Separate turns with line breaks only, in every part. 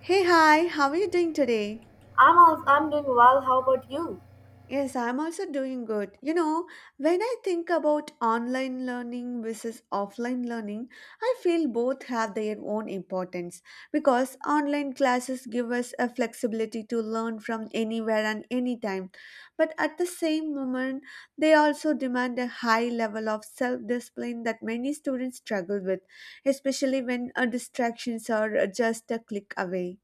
Hey, hi, how are you doing today?
I'm doing well. How about you?
Yes, I'm also doing good. You know, when I think about online learning versus offline learning, I feel both have their own importance because online classes give us a flexibility to learn from anywhere and anytime. But at the same moment, they also demand a high level of self discipline that many students struggle with, especially when distractions are just a click away.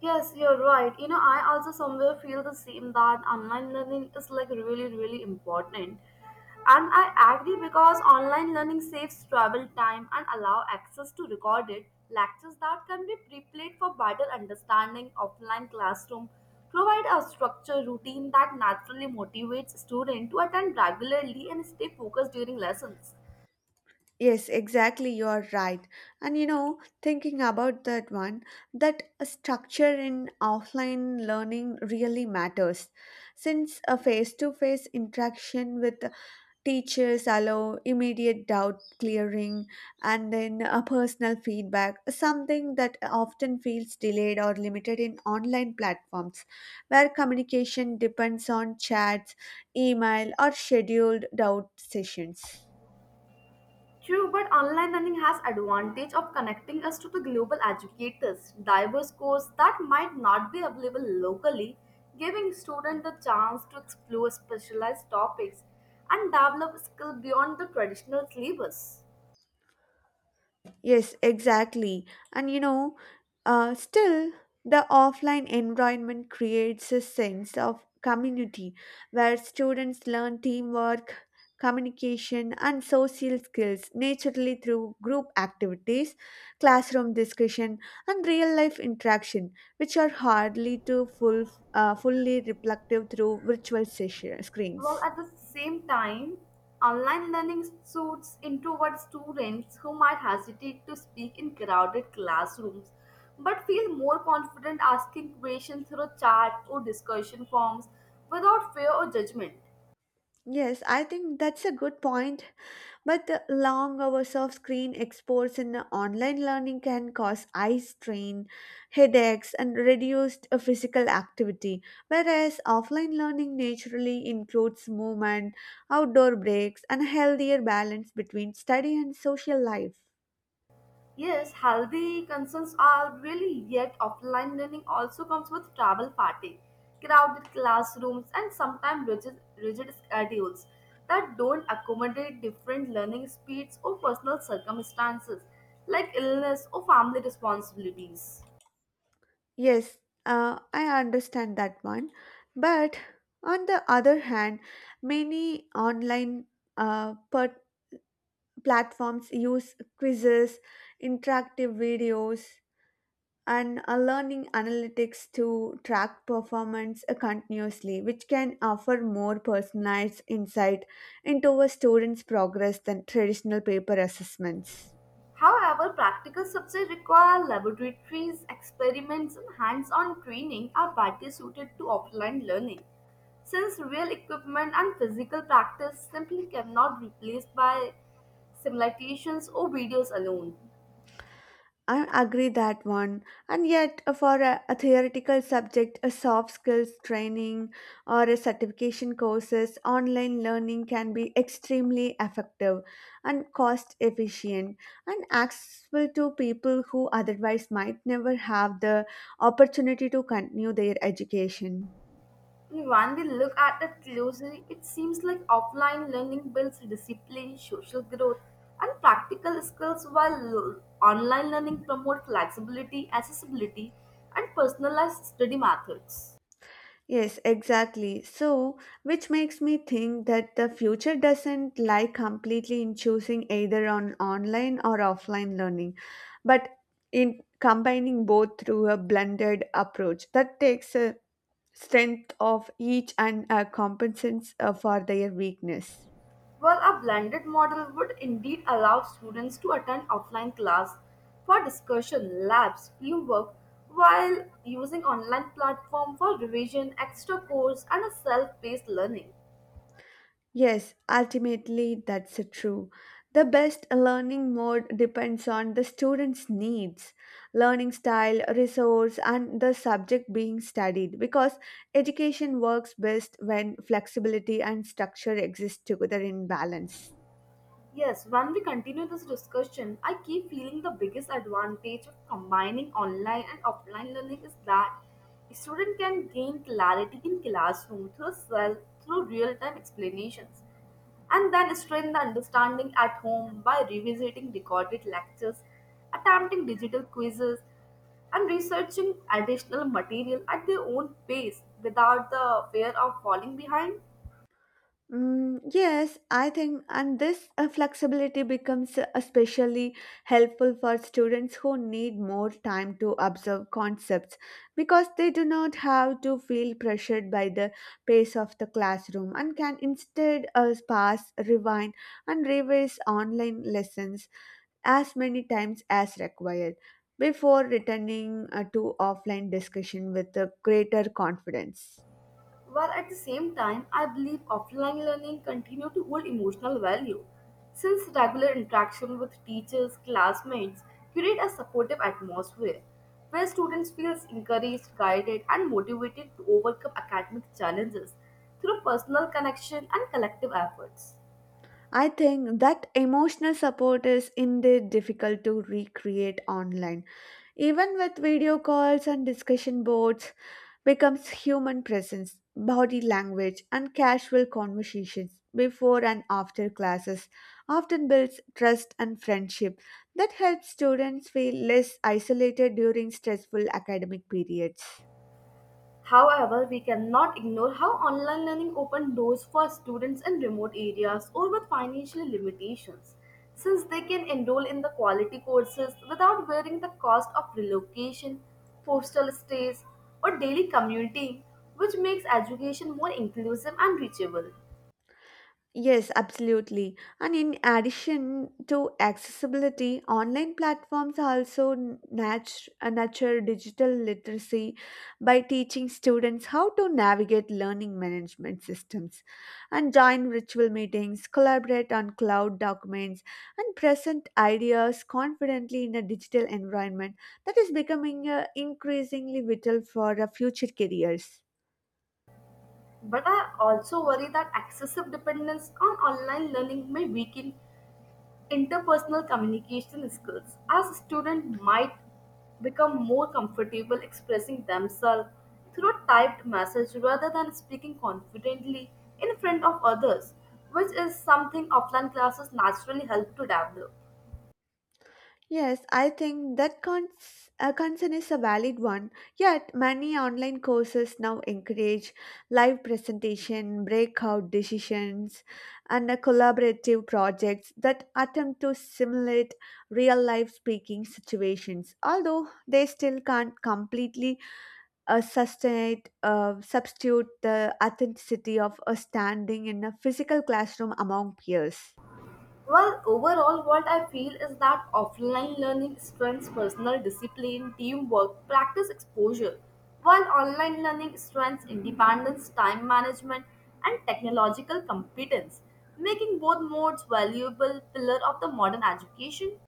Yes, you're right. You know, I also somewhere feel the same that online learning is like really, really important. And I agree because online learning saves travel time and allow access to recorded lectures that can be pre-played for better understanding. Offline classroom provide a structured routine that naturally motivates students to attend regularly and stay focused during lessons.
Yes, exactly. You're right. And you know, thinking about that one, that a structure in offline learning really matters. Since a face to face interaction with teachers allow immediate doubt clearing and then a personal feedback, something that often feels delayed or limited in online platforms where communication depends on chats, email, or scheduled doubt sessions.
True, but online learning has advantage of connecting us to the global educators, diverse courses that might not be available locally, giving students the chance to explore specialized topics and develop skills beyond the traditional syllabus.
Yes, exactly. And you know, still, the offline environment creates a sense of community where students learn teamwork, communication, and social skills naturally through group activities, classroom discussion, and real life interaction, which are hardly to fully reflective through virtual session,
Well,
screens.
at the same time, online learning suits introvert students who might hesitate to speak in crowded classrooms but feel more confident asking questions through chat or discussion forms without fear or judgment.
Yes, I think that's a good point. But the long hours of screen exposure in the online learning can cause eye strain, headaches, and reduced physical activity. Whereas offline learning naturally includes movement, outdoor breaks, and a healthier balance between study and social life.
Yes, healthy concerns are really yet offline learning also comes with travel fatigue, crowded classrooms, and sometimes rigid schedules that don't accommodate different learning speeds or personal circumstances like illness or family responsibilities.
Yes, I understand that one. But on the other hand, many online uh, per- platforms use quizzes, interactive videos, and learning analytics to track performance continuously, which can offer more personalized insight into a student's progress than traditional paper assessments.
However, practical subjects require laboratories, experiments, and hands on training are better suited to offline learning, since real equipment and physical practice simply cannot be replaced by simulations or videos alone.
I agree that one. And yet, for a theoretical subject, a soft skills training or a certification courses, online learning can be extremely effective and cost efficient and accessible to people who otherwise might never have the opportunity to continue their education.
And when we look at it closely, it seems like offline learning builds discipline, social growth, and practical skills, while online learning promotes flexibility, accessibility, and personalized study methods.
Yes, exactly. So, which makes me think that the future doesn't lie completely in choosing either on online or offline learning, but in combining both through a blended approach that takes a strength of each and compensates for their weakness.
Well, a blended model would indeed allow students to attend offline class for discussion, labs, teamwork, while using online platform for revision, extra course, and a self-paced learning.
Yes, ultimately that's true. The best learning mode depends on the student's needs, learning style, resource, and the subject being studied because education works best when flexibility and structure exist together in balance.
Yes, when we continue this discussion, I keep feeling the biggest advantage of combining online and offline learning is that a student can gain clarity in classroom through real-time explanations, and then strengthen the understanding at home by revisiting recorded lectures, attempting digital quizzes, and researching additional material at their own pace without the fear of falling behind.
Mm, yes, I think, and this flexibility becomes especially helpful for students who need more time to observe concepts because they do not have to feel pressured by the pace of the classroom and can instead pass, rewind, and revise online lessons as many times as required before returning to offline discussion with greater confidence.
While at the same time, I believe offline learning continue to hold emotional value, since regular interaction with teachers, classmates create a supportive atmosphere where students feel encouraged, guided, and motivated to overcome academic challenges through personal connection and collective efforts.
I think that emotional support is indeed difficult to recreate online. Even with video calls and discussion boards, becomes human presence, body language, and casual conversations before and after classes often builds trust and friendship that helps students feel less isolated during stressful academic periods.
However, we cannot ignore how online learning opened doors for students in remote areas or with financial limitations, since they can enroll in the quality courses without bearing the cost of relocation, postal stays, or daily commuting, which makes education more inclusive and reachable.
Yes, absolutely. And in addition to accessibility, online platforms also nurture digital literacy by teaching students how to navigate learning management systems and join virtual meetings, collaborate on cloud documents, and present ideas confidently in a digital environment that is becoming increasingly vital for future careers.
But I also worry that excessive dependence on online learning may weaken interpersonal communication skills as students might become more comfortable expressing themselves through typed message rather than speaking confidently in front of others, which is something offline classes naturally help to develop.
Yes, I think that concern is a valid one. Yet, many online courses now encourage live presentation, breakout decisions, and collaborative projects that attempt to simulate real life speaking situations. Although they still can't completely substitute the authenticity of a standing in a physical classroom among peers.
Well, overall, what I feel is that offline learning strengthens personal discipline, teamwork, practice exposure, while online learning strengthens independence, time management, and technological competence, making both modes valuable pillar of the modern education.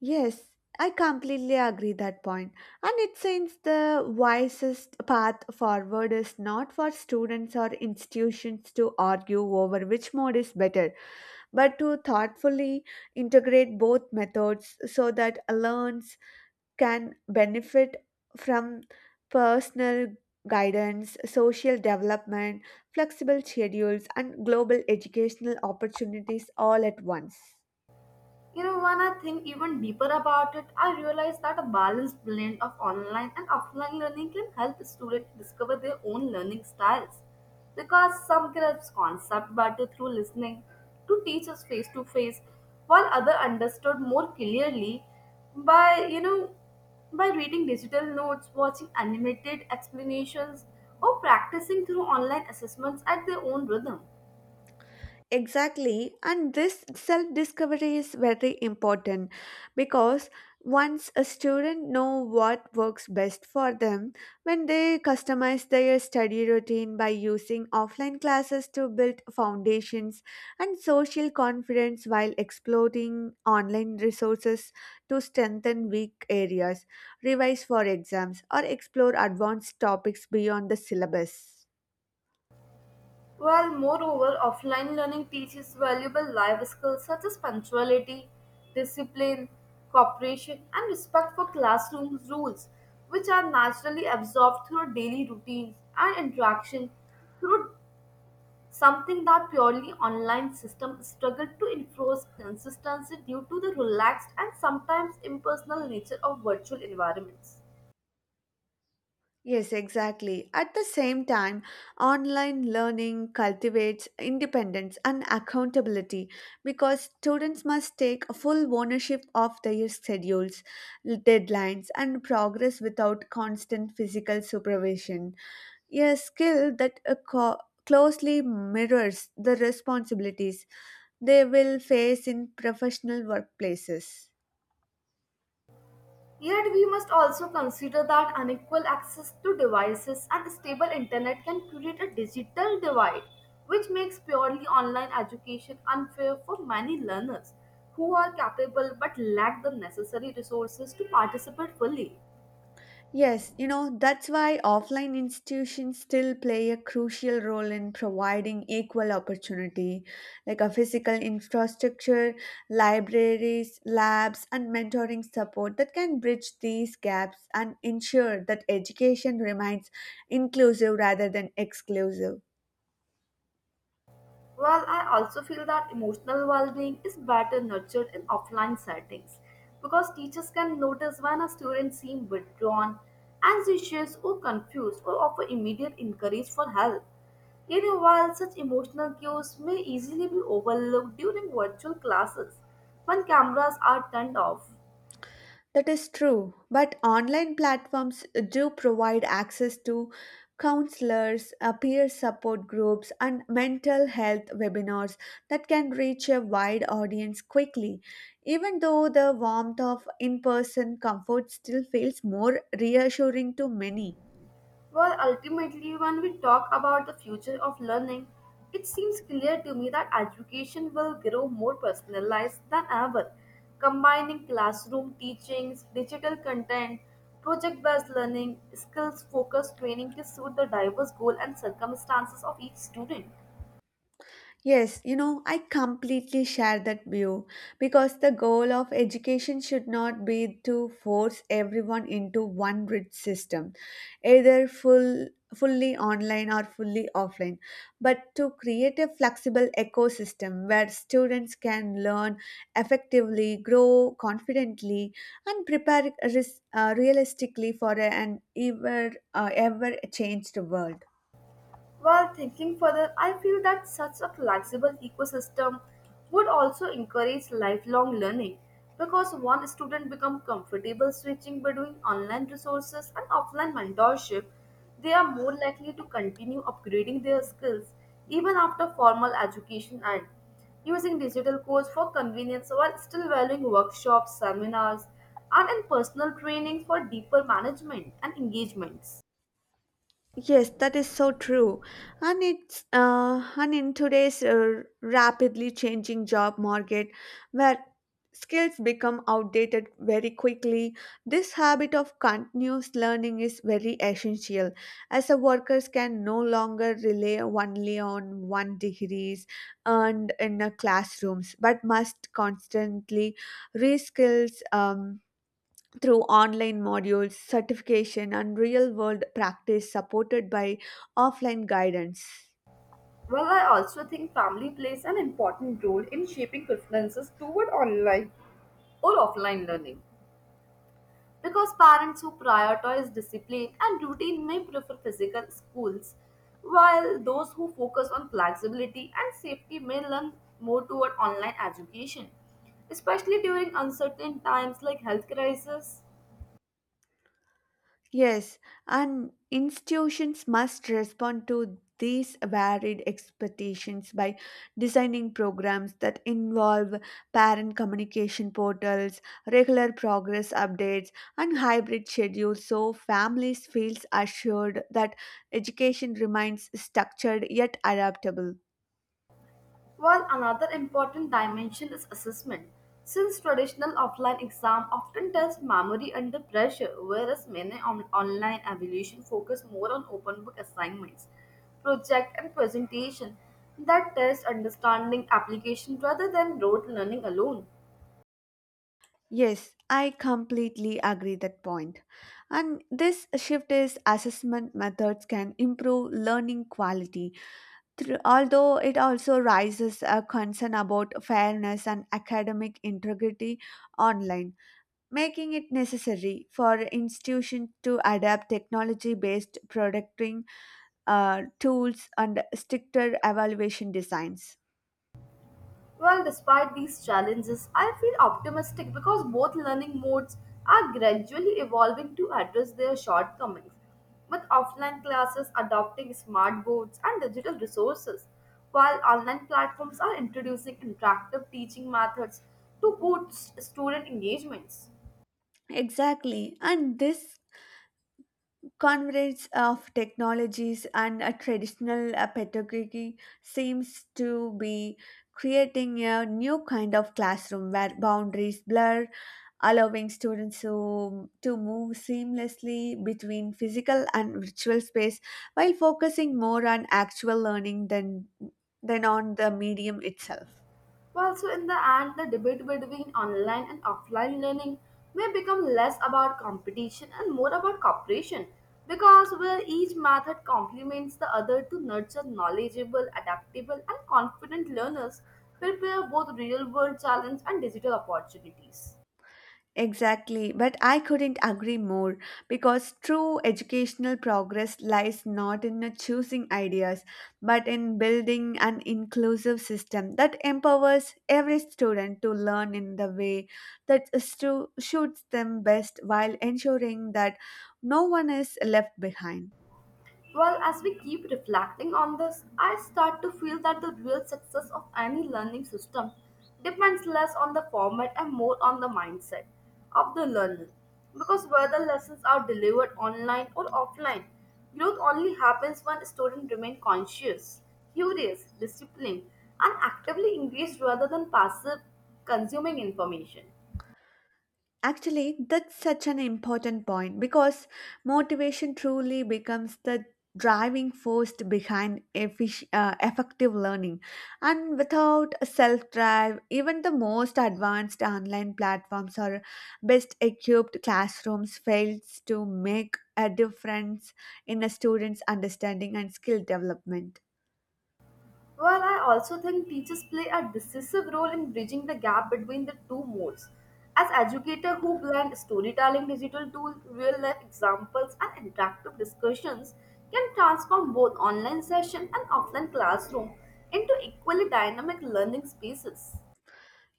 Yes, I completely agree that point. And it seems the wisest path forward is not for students or institutions to argue over which mode is better, but to thoughtfully integrate both methods so that learners can benefit from personal guidance, social development, flexible schedules, and global educational opportunities all at once.
You know, when I think even deeper about it, I realize that a balanced blend of online and offline learning can help students discover their own learning styles. Because some grasp concept better through listening to teachers face to face, while other understood more clearly by you know by reading digital notes, watching animated explanations, or practicing through online assessments at their own rhythm.
Exactly, and this self discovery is very important because once a student know what works best for them when they customize their study routine by using offline classes to build foundations and social confidence while exploring online resources to strengthen weak areas revise for exams or explore advanced topics beyond the syllabus.
While moreover, offline learning teaches valuable life skills such as punctuality, discipline, cooperation, and respect for classroom rules, which are naturally absorbed through daily routines and interaction through something that purely online system struggle to enforce consistency due to the relaxed and sometimes impersonal nature of virtual environments.
Yes, exactly. At the same time, online learning cultivates independence and accountability because students must take full ownership of their schedules, deadlines, and progress without constant physical supervision. A skill that closely mirrors the responsibilities they will face in professional workplaces.
Yet, we must also consider that unequal access to devices and stable internet can create a digital divide, which makes purely online education unfair for many learners who are capable but lack the necessary resources to participate fully.
Yes, you know, that's why offline institutions still play a crucial role in providing equal opportunity, like a physical infrastructure, libraries, labs, and mentoring support that can bridge these gaps and ensure that education remains inclusive rather than exclusive.
Well, I also feel that emotional well-being is better nurtured in offline settings because teachers can notice when a student seems withdrawn, anxious, or confused, or offer immediate encourage for help. You know, while such emotional cues may easily be overlooked during virtual classes when cameras are turned off.
That is true, but online platforms do provide access to counselors, peer support groups, and mental health webinars that can reach a wide audience quickly. Even though the warmth of in person comfort still feels more reassuring to many.
Well, ultimately, when we talk about the future of learning, it seems clear to me that education will grow more personalized than ever, combining classroom teachings, digital content, project based learning, skills focused training to suit the diverse goals and circumstances of each student.
Yes, you know, I completely share that view because the goal of education should not be to force everyone into one rigid system, either fully online or fully offline, but to create a flexible ecosystem where students can learn effectively, grow confidently, and prepare realistically for an ever changed world.
While thinking further, I feel that such a flexible ecosystem would also encourage lifelong learning because one student becomes comfortable switching between online resources and offline mentorship, they are more likely to continue upgrading their skills even after formal education ends using digital codes for convenience while still valuing workshops, seminars, and in personal training for deeper management and engagements.
Yes, that is so true. And it's and in today's rapidly changing job market where skills become outdated very quickly, this habit of continuous learning is very essential as the workers can no longer rely only on one degrees earned in classrooms but must constantly reskills through online modules, certification, and real world practice supported by offline guidance.
Well, I also think family plays an important role in shaping preferences toward online or offline learning. Because parents who prioritize discipline and routine may prefer physical schools, while those who focus on flexibility and safety may learn more toward online education, especially during uncertain times like health crisis.
Yes, and institutions must respond to these varied expectations by designing programs that involve parent communication portals, regular progress updates, and hybrid schedules so families feel assured that education remains structured yet adaptable.
While another important dimension is assessment, since traditional offline exam often test memory under pressure, whereas many online evaluation focus more on open book assignments, project and presentation that test understanding application rather than rote learning alone.
Yes, I completely agree that point. And this shift is assessment methods can improve learning quality, through, although it also raises a concern about fairness and academic integrity online, making it necessary for institutions to adapt technology-based producting tools and stricter evaluation designs.
Well, despite these challenges, I feel optimistic because both learning modes are gradually evolving to address their shortcomings, with offline classes adopting smart boards and digital resources, while online platforms are introducing interactive teaching methods to boost student engagements.
Exactly, and this convergence of technologies and a traditional pedagogy seems to be creating a new kind of classroom where boundaries blur allowing students to move seamlessly between physical and virtual space while focusing more on actual learning than on the medium itself.
Well, so in the end, the debate between online and offline learning may become less about competition and more about cooperation because where each method complements the other to nurture knowledgeable, adaptable, and confident learners prepare both real world challenges and digital opportunities.
Exactly, but I couldn't agree more because true educational progress lies not in choosing ideas but in building an inclusive system that empowers every student to learn in the way that suits them best while ensuring that no one is left behind.
Well, as we keep reflecting on this, I start to feel that the real success of any learning system depends less on the format and more on the mindset of the learner. Because whether lessons are delivered online or offline, growth only happens when students remain conscious, curious, disciplined, and actively engaged rather than passive consuming information.
Actually, that's such an important point because motivation truly becomes the driving force behind effective learning. And without a self drive, even the most advanced online platforms or best equipped classrooms fails to make a difference in a student's understanding and skill development.
Well, I also think teachers play a decisive role in bridging the gap between the two modes. As educator who blend storytelling, digital tools, real life examples, and interactive discussions can transform both online session and offline classroom into equally dynamic learning spaces.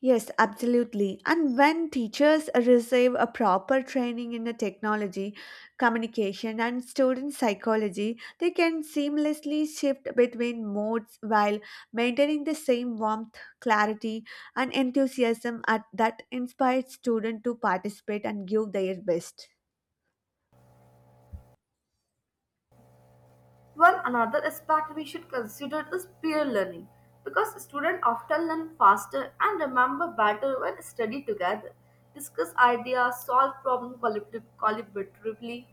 Yes, absolutely. And when teachers receive a proper training in the technology, communication, and student psychology, they can seamlessly shift between modes while maintaining the same warmth, clarity, and enthusiasm that inspires students to participate and give their best.
One another aspect we should consider is peer learning because students often learn faster and remember better when study together, discuss ideas, solve problems collaboratively,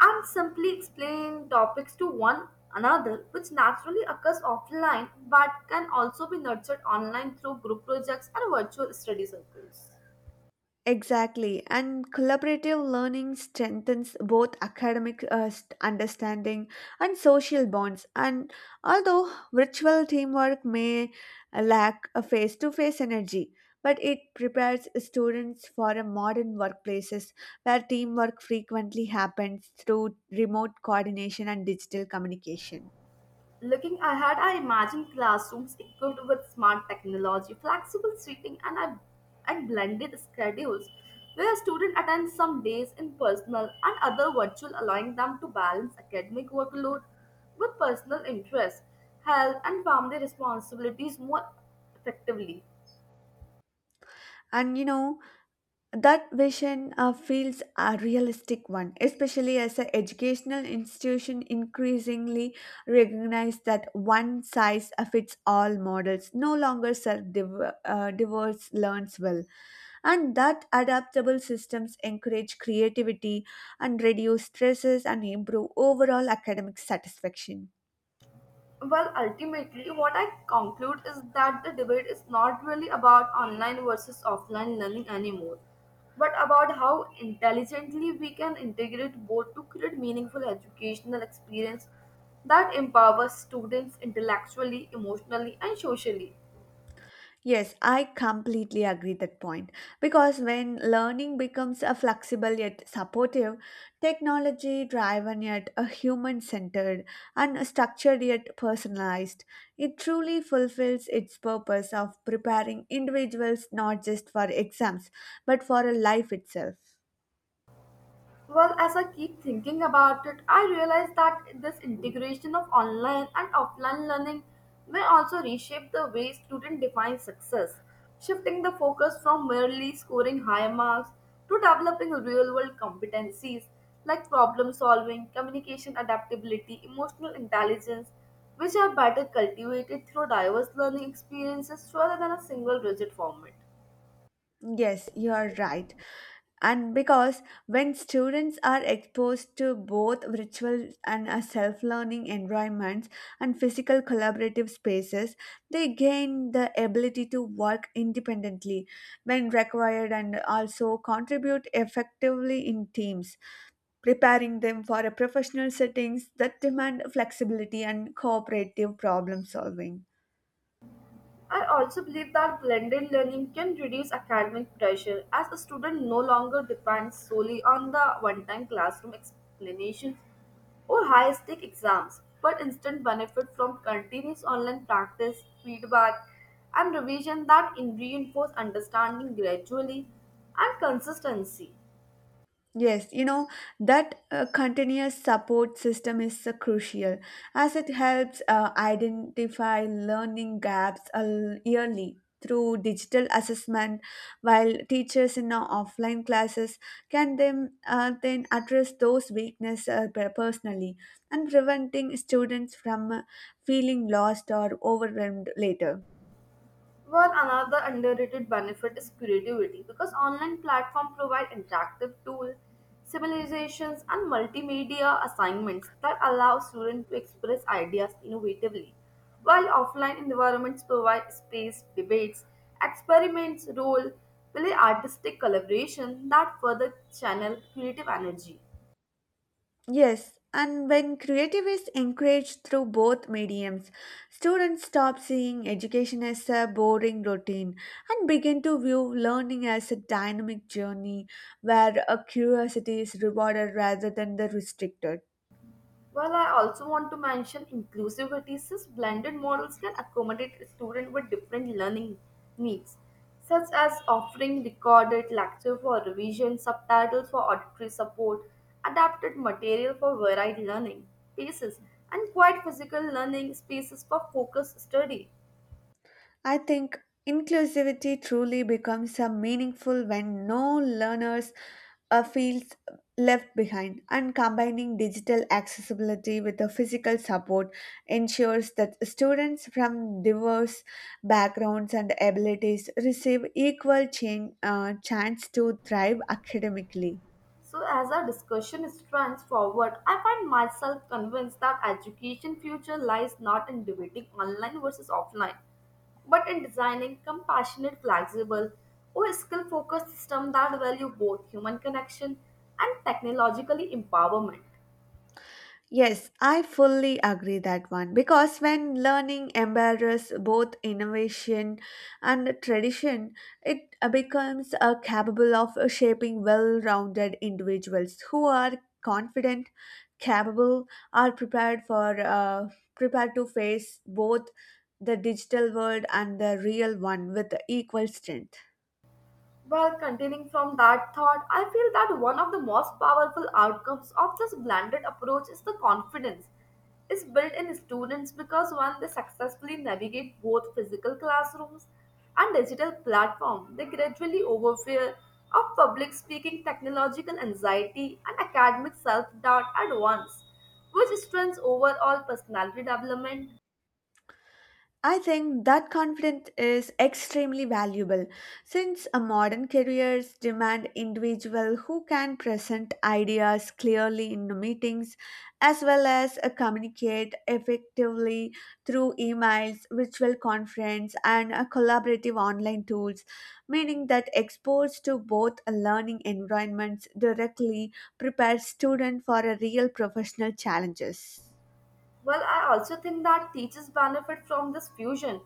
and simply explain topics to one another, which naturally occurs offline but can also be nurtured online through group projects and virtual study circles.
Exactly, and collaborative learning strengthens both academic understanding and social bonds. And although virtual teamwork may lack a face to face energy, but it prepares students for a modern workplaces where teamwork frequently happens through remote coordination and digital communication.
Looking ahead, I imagine classrooms equipped with smart technology, flexible seating, and blended schedules where students attend some days in personal and other virtual, allowing them to balance academic workload with personal interests, health, and family responsibilities more effectively.
And you know, that vision feels a realistic one, especially as an educational institution increasingly recognize that one size fits all models no longer serve diverse learns well, and that adaptable systems encourage creativity and reduce stresses and improve overall academic satisfaction.
Well, ultimately, what I conclude is that the debate is not really about online versus offline learning anymore, but about how intelligently we can integrate both to create meaningful educational experience that empowers students intellectually, emotionally, and socially.
Yes, I completely agree that point. Because when learning becomes a flexible yet supportive, technology driven yet a human centered and structured yet personalized, it truly fulfills its purpose of preparing individuals not just for exams but for a life itself.
Well, as I keep thinking about it, I realize that this integration of online and offline learning may also reshape the way students define success, shifting the focus from merely scoring high marks to developing real world competencies like problem solving, communication adaptability, emotional intelligence, which are better cultivated through diverse learning experiences rather than a single rigid format.
Yes, you are right. And because when students are exposed to both virtual and self learning environments and physical collaborative spaces, they gain the ability to work independently when required and also contribute effectively in teams, preparing them for a professional settings that demand flexibility and cooperative problem solving.
I also believe that blended learning can reduce academic pressure as a student no longer depends solely on the one time classroom explanations or high stake exams, but instead benefit from continuous online practice, feedback, and revision that reinforce understanding gradually and consistency.
Yes, you know, that continuous support system is crucial as it helps identify learning gaps yearly through digital assessment, while teachers in our offline classes can then address those weaknesses personally and preventing students from feeling lost or overwhelmed later.
Well, another underrated benefit is creativity because online platforms provide interactive tools, simulations, and multimedia assignments that allow students to express ideas innovatively, while offline environments provide space, debates, experiments, role play, artistic collaboration that further channel creative energy.
Yes, and when creative is encouraged through both mediums, students stop seeing education as a boring routine and begin to view learning as a dynamic journey where a curiosity is rewarded rather than the restricted.
While I also want to mention inclusivity, since blended models can accommodate students with different learning needs, such as offering recorded lecture for revision, subtitles for auditory support, adapted material for varied learning spaces, and quiet physical learning spaces for focused study.
I think inclusivity truly becomes a meaningful when no learners feels left behind and combining digital accessibility with the physical support ensures that students from diverse backgrounds and abilities receive equal chance to thrive academically.
So, as our discussion trends forward, I find myself convinced that education future lies not in debating online versus offline, but in designing compassionate, flexible, or skill-focused system that value both human connection and technologically empowerment.
Yes, I fully agree that one because when learning embarrasses both innovation and tradition, it becomes capable of shaping well-rounded individuals who are confident, capable, are prepared for prepared to face both the digital world and the real one with equal strength.
Well, continuing from that thought, I feel that one of the most powerful outcomes of this blended approach is the confidence is built in students because when they successfully navigate both physical classrooms and digital platform, they gradually overfear of public speaking, technological anxiety, and academic self-doubt at once, which strengthens overall personality development.
I think that confidence is extremely valuable since a modern careers demand individual who can present ideas clearly in the meetings as well as communicate effectively through emails, virtual conference and collaborative online tools meaning that exposed to both learning environments directly prepares student for a real professional challenges.
Well, I also think that teachers benefit from this fusion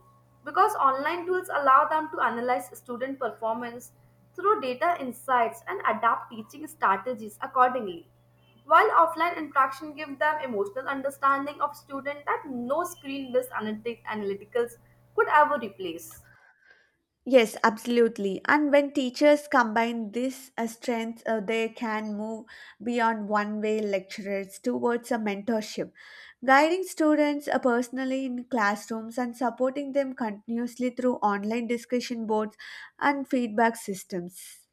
because online tools allow them to analyze student performance through data insights and adapt teaching strategies accordingly. While offline interaction give them emotional understanding of student that no screen-based analyticals could ever replace.
Yes, absolutely. And when teachers combine this strength, they can move beyond one way lecturers towards a mentorship, guiding students personally in classrooms and supporting them continuously through online discussion boards and feedback systems.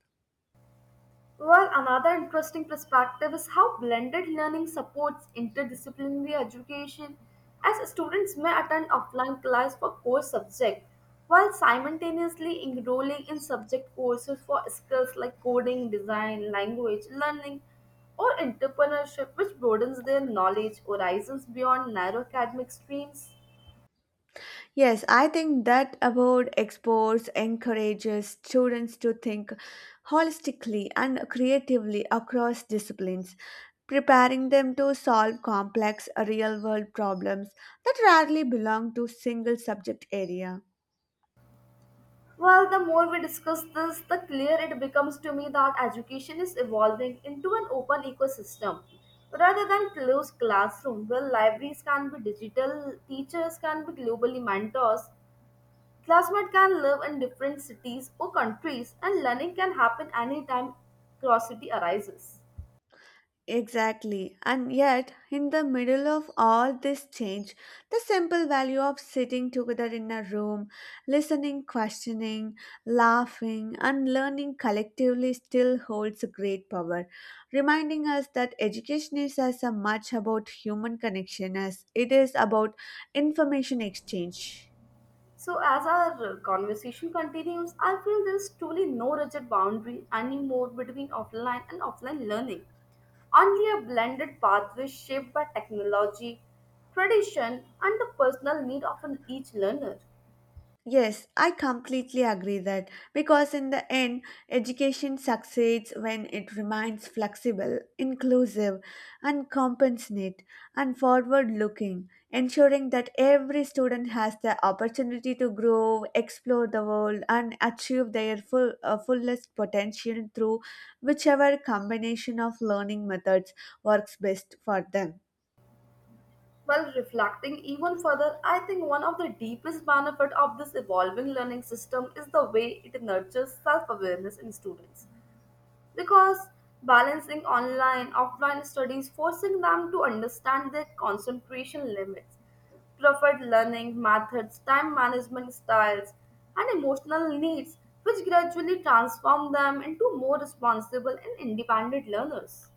Well, another interesting perspective is how blended learning supports interdisciplinary education, as students may attend offline class for core subject while simultaneously enrolling in subject courses for skills like coding, design, language learning, or entrepreneurship, which broadens their knowledge horizons beyond narrow academic streams.
Yes, I think that award exports encourages students to think holistically and creatively across disciplines, preparing them to solve complex real world problems that rarely belong to single subject area.
Well, the more we discuss this, the clearer it becomes to me that education is evolving into an open ecosystem rather than closed classroom where libraries can be digital, teachers can be globally mentors, classmates can live in different cities or countries, and learning can happen anytime curiosity arises.
Exactly. And yet, in the middle of all this change, the simple value of sitting together in a room, listening, questioning, laughing, and learning collectively still holds great power, reminding us that education is as much about human connection as it is about information exchange.
So, as our conversation continues, I feel there is truly no rigid boundary anymore between offline and offline learning. Only a blended pathway shaped by technology, tradition, and the personal need of an each learner.
Yes, I completely agree that because in the end, education succeeds when it remains flexible, inclusive, and compassionate and forward looking, ensuring that every student has the opportunity to grow, explore the world, and achieve their full, fullest potential through whichever combination of learning methods works best for them.
While reflecting even further, I think one of the deepest benefits of this evolving learning system is the way it nurtures self awareness in students. Because balancing online offline studies forcing them to understand their concentration limits, preferred learning methods, time management styles, and emotional needs, which gradually transform them into more responsible and independent learners.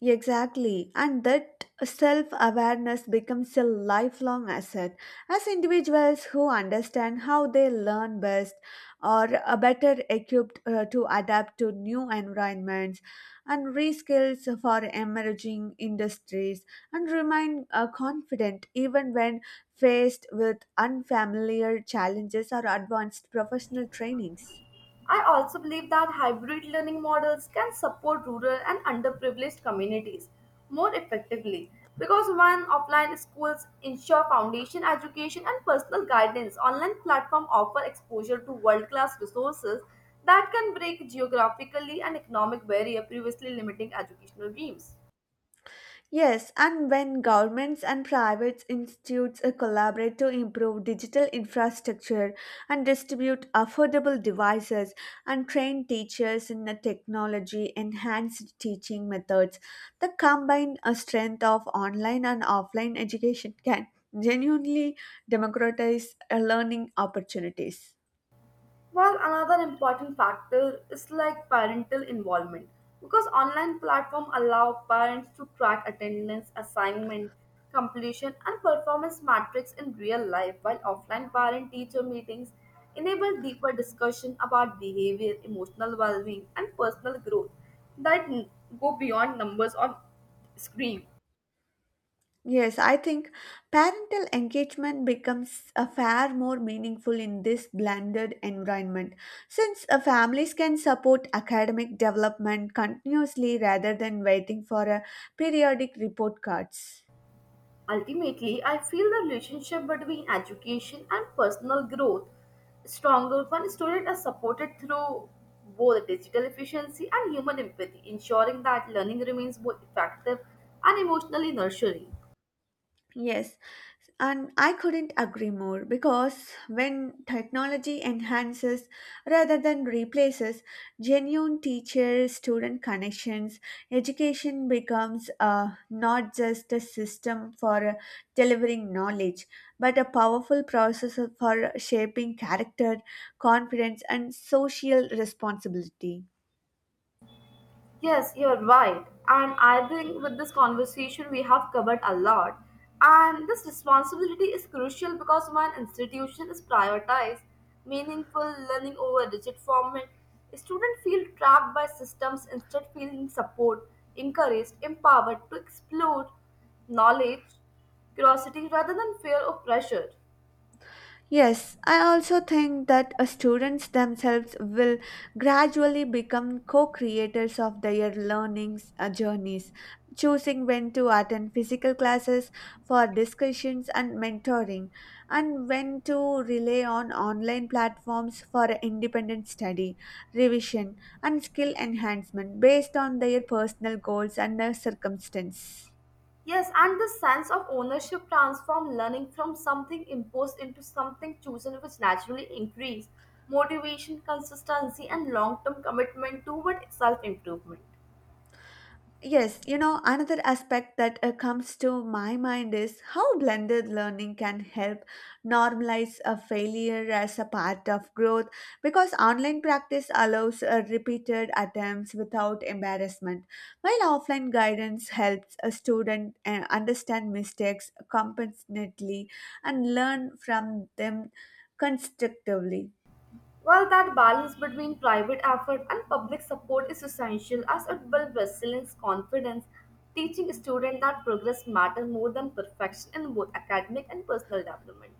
Exactly, and that self awareness becomes a lifelong asset. As individuals who understand how they learn best are better equipped to adapt to new environments and reskills for emerging industries and remain confident even when faced with unfamiliar challenges or advanced professional trainings.
I also believe that hybrid learning models can support rural and underprivileged communities more effectively because when offline schools ensure foundation education and personal guidance, online platforms offer exposure to world-class resources that can break geographically and economic barrier previously limiting educational dreams.
Yes, and when governments and private institutes collaborate to improve digital infrastructure and distribute affordable devices and train teachers in the technology enhanced teaching methods, the combined strength of online and offline education can genuinely democratize learning opportunities.
Well, another important factor is like parental involvement because online platform allow parents to track attendance, assignment, completion and performance metrics in real life while offline parent teacher meetings enable deeper discussion about behavior, emotional well-being and personal growth that go beyond numbers on screen.
Yes, I think parental engagement becomes a far more meaningful in this blended environment since families can support academic development continuously rather than waiting for a periodic report cards.
Ultimately, I feel the relationship between education and personal growth is stronger when students are supported through both digital efficiency and human empathy, ensuring that learning remains both effective and emotionally nurturing.
Yes, and I couldn't agree more because when technology enhances rather than replaces genuine teacher student connections, education becomes not just a system for delivering knowledge but a powerful process for shaping character, confidence, and social responsibility.
Yes, you're right. And I think with this conversation, we have covered a lot. And this responsibility is crucial because when institution is prioritized, meaningful learning over rigid format, students feel trapped by systems instead feeling support, encouraged, empowered to explore knowledge, curiosity rather than fear or pressure.
Yes, I also think that students themselves will gradually become co creators of their learning journeys, choosing when to attend physical classes for discussions and mentoring, and when to rely on online platforms for independent study, revision, and skill enhancement based on their personal goals and their circumstance.
Yes, and the sense of ownership transforms learning from something imposed into something chosen, which naturally increase motivation, consistency, and long-term commitment toward self-improvement.
Yes, you know, another aspect that comes to my mind is how blended learning can help normalize a failure as a part of growth because online practice allows repeated attempts without embarrassment, while offline guidance helps a student understand mistakes competently and learn from them constructively.
While that balance between private effort and public support is essential as it builds resilience, confidence, teaching students that progress matters more than perfection in both academic and personal development.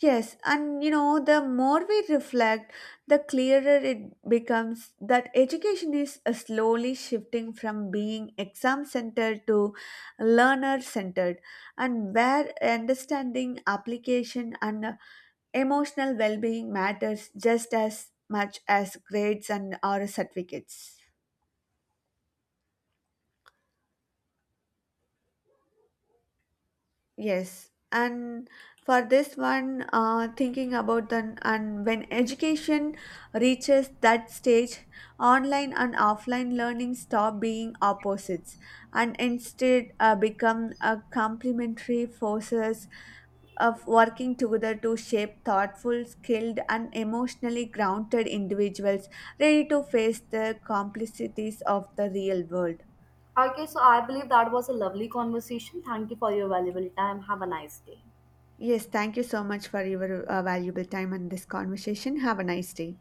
Yes, and you know, the more we reflect, the clearer it becomes that education is slowly shifting from being exam centered to learner centered, and where understanding, application, and emotional well being matters just as much as grades and or certificates. Yes, and for this one, thinking about the and when education reaches that stage, online and offline learning stop being opposites and instead become a complementary forces of working together to shape thoughtful, skilled, and emotionally grounded individuals ready to face the complexities of the real world.
Okay, so I believe that was a lovely conversation. Thank you for your valuable time. Have a nice day.
Yes, thank you so much for your valuable time and this conversation. Have a nice day.